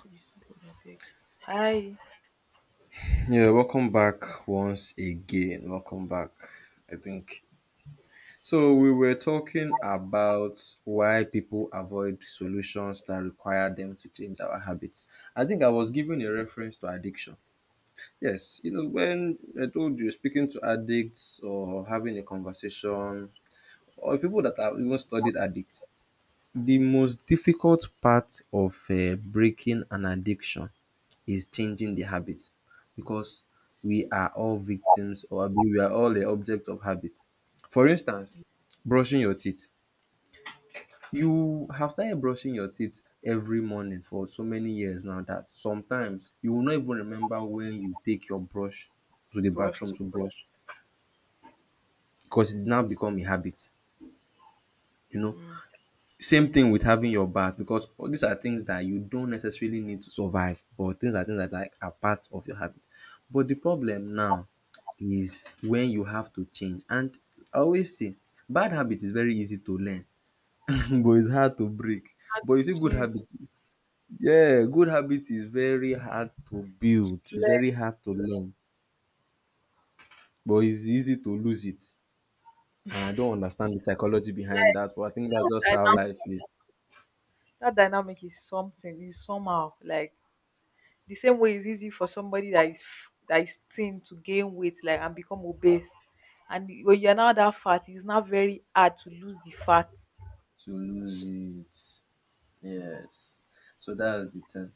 Please God, I used to beg. Hi, Yeah, welcome back once again. Welcome back, I think. So, we were talking about why people avoid solutions that require them to change our habits. I think I was giving a reference to addiction. Yes, you know, when I told you speaking to addicts or having a conversation, or people that have even studied addicts, the most difficult part of breaking an addiction is changing the habit because we are all victims or abi we are all the object of habit. For instance, brushing your teeth. You have started brushing your teeth every morning for so many years now that sometimes you will not even remember when you take your brush to the brush bathroom to to brush because it now become a habit, you know. mm. hand Same thing with having your bath because all these are things that you don't necessarily need to survive but things are things that like are part of your habit. But the problem now is when you have to change and I always say bad habit is very easy to learn but it's hard to break. to But you see good chin, habit yeah, good habit is very hard to build, it's very left. hard to learn but it's easy to lose it and I don't understand the psychology behind that but I think that's just how life is That dynamic is something. Is somehow like the same way it's easy for somebody that is that is thin to gain weight, like and become obese. And when you're now that fat, it's not very hard to lose the fat. to lose it. Yes. So that's the thing.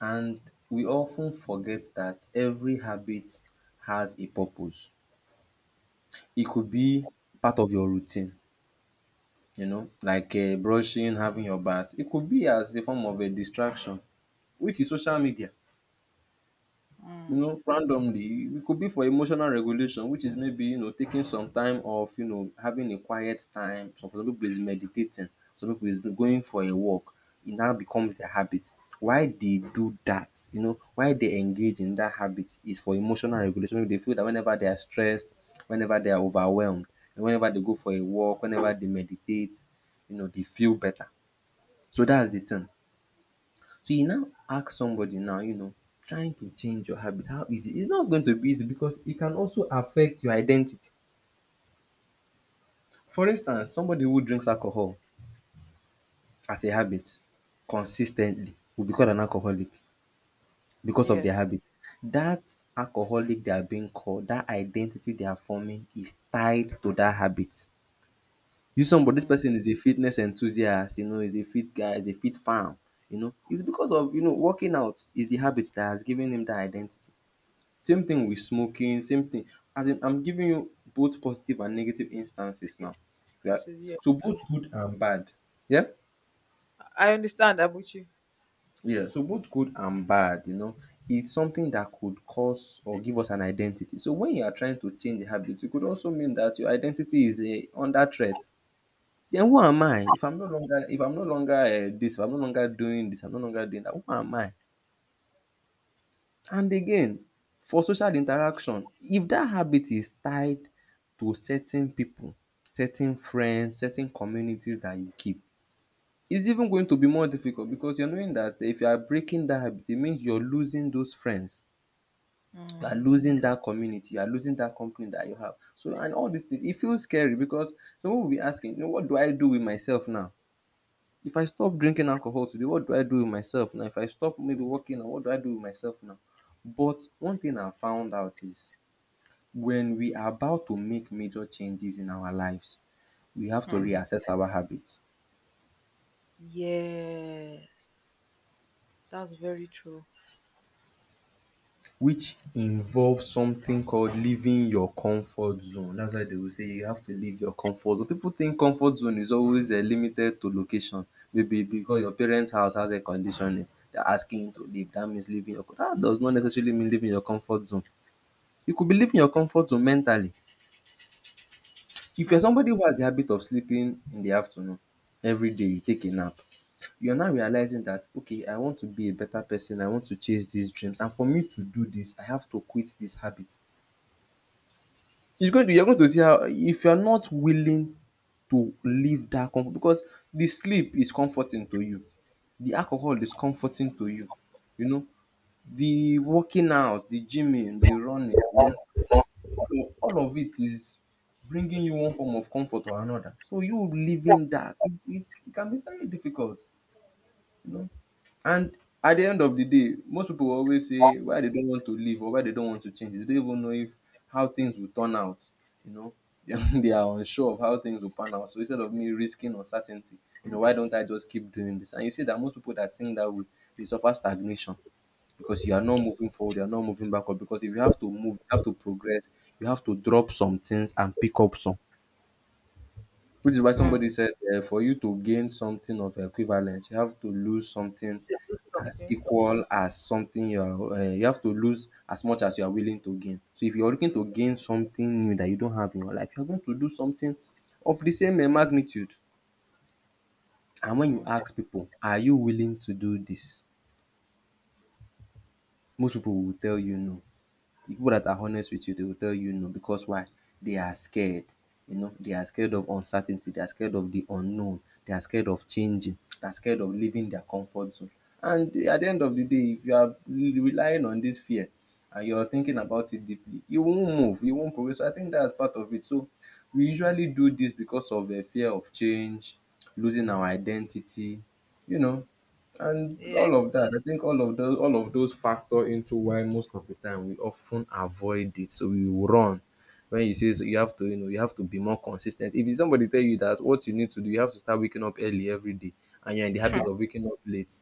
And we often forget that every habit has a purpose. It could be part of your routine, you know, like brushing, having your bath. It could be as a form of a distraction, which is social media, you Mm. know, randomly. It could be for emotional regulation, which is maybe, you know, taking some time off, you know, having a quiet time. Some people is meditating, some people is going for a walk. It now becomes their habit. Why they do that, you know, why they engage in that habit is for emotional regulation. Maybe they feel that whenever they are stressed, whenever they are overwhelmed, and whenever they go for a walk, whenever they meditate, you know, they feel better. So that's the thing. So you now ask somebody now, you know, trying to change your habit, how easy? It's not going to be easy because it can also affect your identity. For instance, somebody who drinks alcohol as a habit consistently will be called an alcoholic because of their Yes. habit. That alcoholic they are being called, that identity they are forming is tied to that habit. You somebody, this person is a fitness enthusiast, you know, is a fit guy, is a fit fan, you know. It's because of, you know, working out is the habit that has given him that identity. Same thing with smoking, same thing. As in, I'm giving you both positive and negative instances now. Negative Yeah. influences, yeah, So I both understand. good and bad. Yeah. I understand that you. Yeah. So both good and bad, you know, is something that could cause or give us an identity. So when you are trying to change a habit, it could also mean that your identity is under threat. Then who am I? If I'm no longer, if I'm no longer this, if I'm no longer doing this, I'm no longer doing that. Who am I? And again, for social interaction, if that habit is tied to certain people, certain friends, certain communities that you keep, it's even going to be more difficult because you're knowing that if you are breaking that habit, it means you're losing those friends, you are Mm. losing that community, you are losing that company that you have. So and all these things, it feels scary because some pipu will be asking, you know, what do I do with myself now? If I stop drinking alcohol today, what do I do with myself now? If I stop maybe working, what do I do with myself now? But one thing I found out is when we are about to make major changes in our lives we have to Hmm. reassess our habits, Yes, that's very true. which involves something called leaving your comfort zone. That's why they will say you have to leave your comfort zone. People think comfort zone is always limited to location, maybe because your parents house has air conditioning they are asking you to leave. That means leaving your. That does not necessarily mean leaving your comfort zone. You could be living your comfort zone mentally. If Hmm. you're somebody who has the habit of sleeping in the afternoon every day, you take a nap, you're now realizing that, okay, I want to be a better person, I want to chase these dreams, and for me to do this, I have to quit this habit. You're going to see how, if you're not willing to leave that comfort, because the sleep is comforting to you, the alcohol is comforting to you, you know, the working out, the gymming, the running, you know, all of it is bringing you one form of comfort or another. So you living that, it can be very difficult, you know. And at the end of the day, most people will always say why they don't want to leave or why they don't want to change. They don't even know if how things will turn out, you know. They are unsure of how things will pan out. So instead of me risking uncertainty, you know, why don't I just keep doing this? And you see that most people that think that way, they suffer stagnation because you are not moving forward, you are not moving backward. Because if you have to move, you have to progress, you have to drop some things and pick up some. Which is why Hmm. somebody said, for you to gain something of equivalence, you have to lose something To do as something. equal as something you are. You have to lose as much as you are willing to gain. So if you are looking To. to gain something new that you don't have in your life, you are going to do something of the same magnitude. And when you Hmm. ask people, are you willing to do this? Most people will tell you no. The people that are honest with you, they will tell you no because why? They are scared. You know, they are scared of uncertainty. They are scared of the unknown. They are scared of changing. They are scared of leaving their comfort zone. And at the end of the day, if you are relying on this fear and you're thinking about it deeply, you won't move, you won't progress. So I think that's part of it. So we usually do this because of a fear of change, losing our identity, you know, and Yeah, all of that. I think all of those factor into why most of the time we often avoid it, so we will run when you say so. You have to, you know, you have to be more consistent. If somebody tell you that what you need to do, you have to start waking up early every day and you're in the habit of waking up late,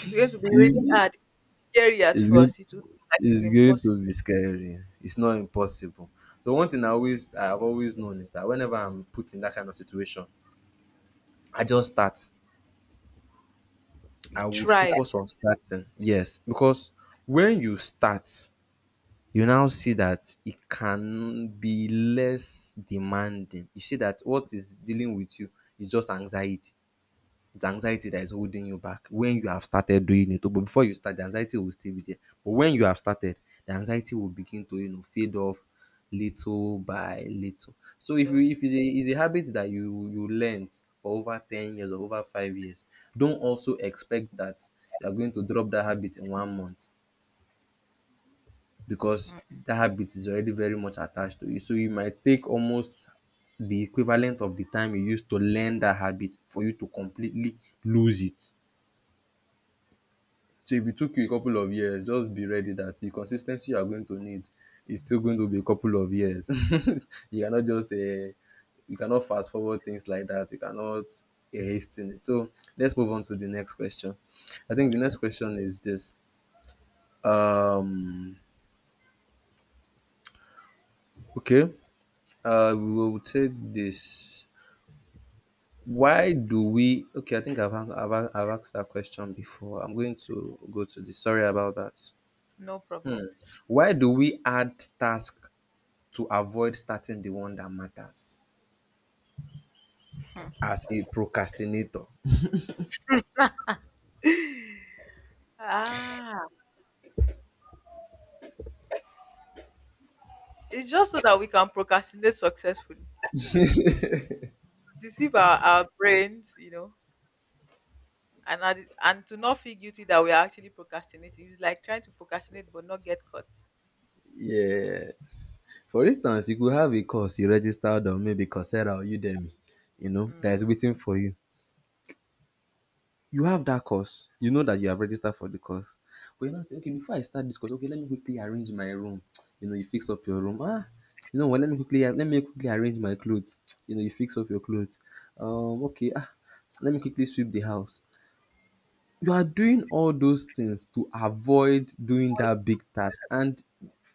it's going to be really it's, hard, scary at it's going first. It will look like it's it's going impossible. to be scary, it's not impossible. So one thing I've always known is that whenever I'm put in that kind of situation I just start. I You will try, focus on starting, yes, because when you start you now see that it can be less demanding. You see that what is dealing with you is just anxiety. It's anxiety that is holding you back when you have started doing it. But before you start, the anxiety will still be there. But when you have started, the anxiety will begin to, you know, fade off little by little. So so if it's it's a habit that you learned for over 10 years or over 5 years, don't also expect that you are going to drop that habit in one month because that habit is already very much attached to you. So you might take almost the equivalent of the time you used to learn that habit for you to completely lose it. So if it took you a couple of years, just be ready that the consistency you are going to need is still going to be a couple of years. you cannot just uh, you cannot fast forward things like that. You cannot hasten it. So let's move on to the next question. I think the okay. next question is this. Um, okay. We will take this. Why do we? Okay, I think I've, an- I've, a- I've asked that question before. I'm going to go to this. Sorry about that. No Hmm. problem. Why do we add task to avoid starting the one that matters as a procrastinator? Ah, it's just so that we can procrastinate successfully, deceive our brains, you know, and to not feel guilty that we are actually procrastinating. It's like trying to procrastinate but not get caught. Yes. For instance, you could have a course you registered on maybe Coursera or Udemy. You know, that is waiting for you. You have that course. You know that you have registered for the course. But you know, okay, before I start this course, okay, let me quickly arrange my room. You know, you fix up your room. Ah, you know what? Let me quickly arrange my clothes. You know, you fix up your clothes. Okay, ah, let me quickly sweep the house. You are doing all those things to avoid doing Oh, it's that big task and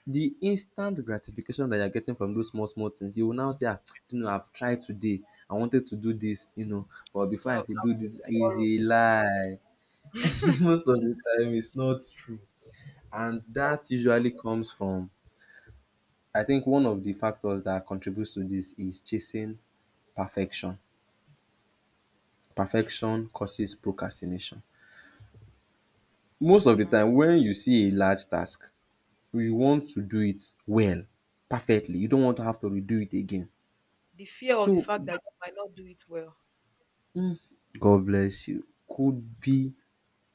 the instant gratification that you're getting from those small small things, you will now say, ah, you know, I've tried today, I wanted to do this, but before I I'll could do do it this is tomorrow. a lie. Most of the time it's not true, and that usually comes from, I think one of the factors that contributes to this is chasing perfection. Perfection causes procrastination. Most of the time when you see a large task, you want to do it well, perfectly. You don't want to have to redo it again. The fear of the So fact that you might not do it well. mm, god bless you, could be.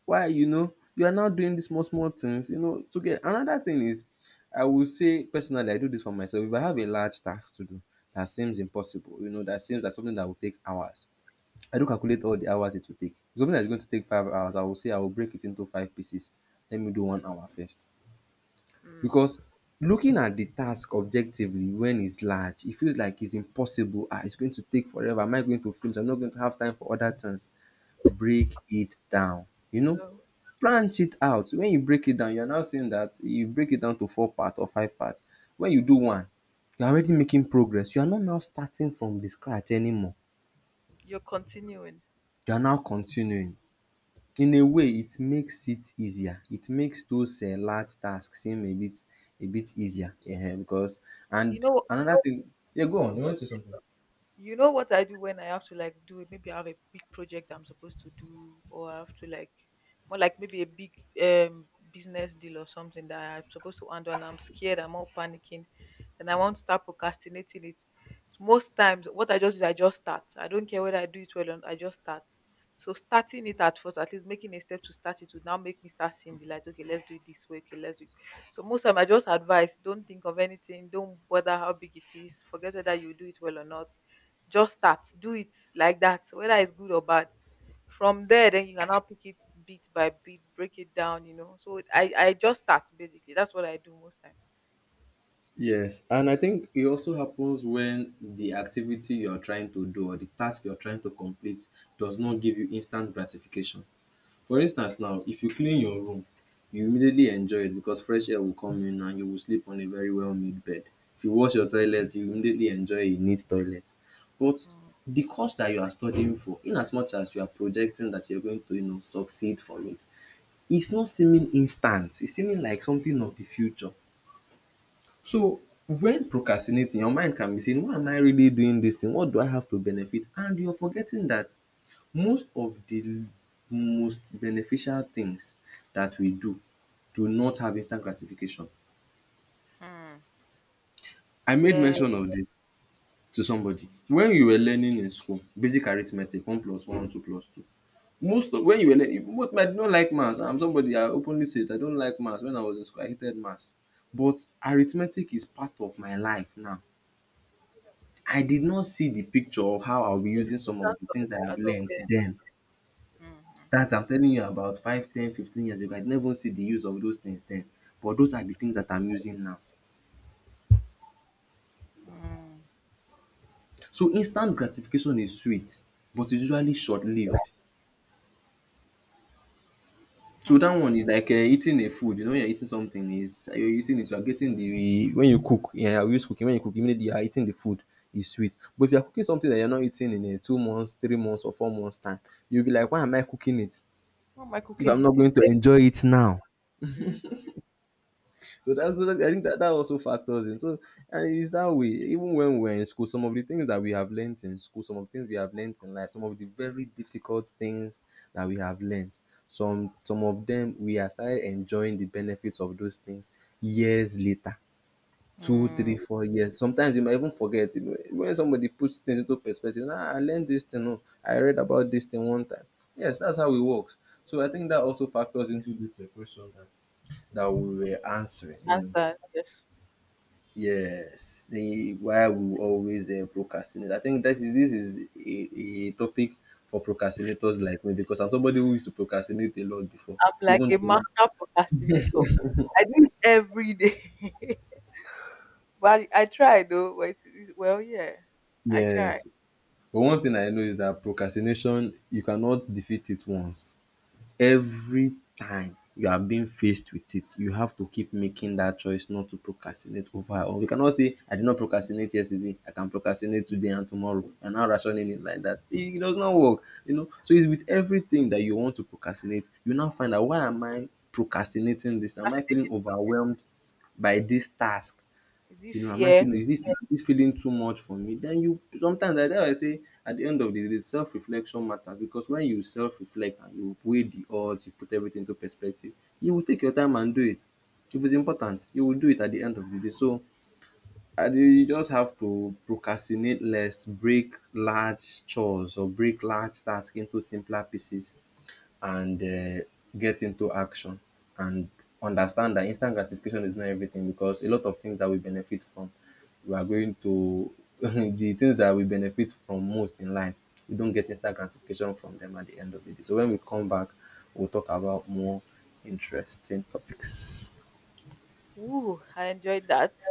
Why, you know, you are now doing these small small things, you know, to get another thing is, I will say personally I do this for myself. If I have a large task to do that seems impossible, you know, that seems like something that will take hours, I do calculate all the hours it will take. If something that's going to take 5 hours, I will say I will break it into 5 pieces. Let me do 1 hour first, Mm. because looking at the task objectively, when it's large it feels like it's impossible. Ah, it's going to take forever. Am I going to finish? I'm not going to have time for other things. Break it down. You know, So branch it out. When you break it down, you are now saying dat you break it down to four part or five part. When you do one, you are already making progress. You are not now starting from the scratch anymore. you're continuing. You are now continuing. In a way, it makes it easier. It makes those large task seem a bit easier because, You and know, another thing, yeah, go on, you want to say something? you know what I do when I have to like do it? Maybe I have a big project I'm supposed to do, or I have to like more like maybe a big business deal or something that I'm supposed to handle, and I'm scared, I'm all panicking, then I won't start procrastinating it. So most times, what I just do, I just start. I don't care whether I do it well or not, I just start. So starting it at first, at least making a step to start it would now make me start seeing the light. Okay, let's do it this way. Okay, let's do it. So most time I just advise, don't think of anything, don't bother how big it is, forget whether you do it well or not, just start. Do it like that, whether it's good or bad. From there, then you can now pick it bit by bit, break it down, you know. So I just start basically. That's what I do most time. Yes, and I think it also happens when the activity you're trying to do or the task you're trying to complete does not give you instant gratification. For instance now, if you clean your room, you immediately enjoy it because fresh air will come in and you will sleep on a very well-made bed. If you wash your toilet, you immediately enjoy a neat toilet. But the course that you are studying for, in as much as you are projecting that you're going to, you know, succeed from it, it's not seeming instant. It's seeming like something of the future. So when procrastinating, your mind can be saying, why am I really doing this thing? What do I have to benefit? And you're forgetting that most of the most beneficial things that we do do not have instant gratification. Mm-hmm. I made Yeah. mention of this to somebody. When you were learning in school basic arithmetic, one plus one, two plus two, most of when you were learning, most, I did not like maths. I'm somebody, I openly say I don't like maths. When I was in school, I hated maths. But arithmetic is part of my life now. I did not see the picture of how I'll be using some of Importance the of things it I have as of learned then. then. Mm-hmm. That's I'm telling you about 5, 10, 15 years ago. I did not even see the use of those things then. But those are the things that I'm using now. Mm. So instant gratification is sweet, but it's usually short lived. So that one is like eating a food. You know, when you're eating something, is you're eating it, you're getting the, when you cook, yeah, we use cooking. When you cook, immediately you are eating the food, is sweet. But if you're cooking something that you're not eating in 2 months, 3 months or 4 months time, you'll be like, why am I cooking it Why am I if cooking I'm these not things? going to Sef? enjoy it now? Mm. So that's so I think that that also factors in. So and it's that way. Even when we're in school, some of the things that we have learnt in school, some of the things we have learnt in life, some of the very difficult things that we have learnt, some of them we are started enjoying the benefits of those things years later. Two, Mm. three, 4 years. Sometimes you might even forget. You know, when somebody puts things into perspective, ah, I learned this thing. Oh, I read about this thing one time. Yes, that's how it works. So I think that also factors into this question that that we were answering. You know, Answer. Yes. yes, the why we always procrastinate. I think that is, this is a topic for procrastinators like me because I'm somebody who used to procrastinate a lot before. I'm like Even a till now. master procrastinator. I do it every day. but I try though. But well, yeah. I try. Yes, but one thing I know is that procrastination you cannot defeat it once. Every time you are being faced with it, you have to keep making that choice not to procrastinate over, or you cannot say I did not procrastinate yesterday, I can procrastinate today and tomorrow and now rationing it like that. It does not work, you know. So it's with everything that you want to procrastinate, you now find out, why am I procrastinating this? Am I feeling Procrastinating. overwhelmed by this task? Is it You know, am I fear? feeling, is this, is this feeling too much for me? Then you sometimes na that's I say at the end of the day, self reflection matters. Because when you self reflect and you weigh the odds, you put everything into perspective, you will take your time and do it. If it's important, you will do it at the end of the day. So I dey, you just have to procrastinate less, break large chores or break large tasks into simpler pieces, and get into action, and understand that instant gratification is not everything, because a lot of things that we benefit from, we are going to the things that we benefit from most in life, we don't get instant gratification from them at the end of the day. So when we come back, we'll talk about more interesting topics. Ooh, I enjoyed that.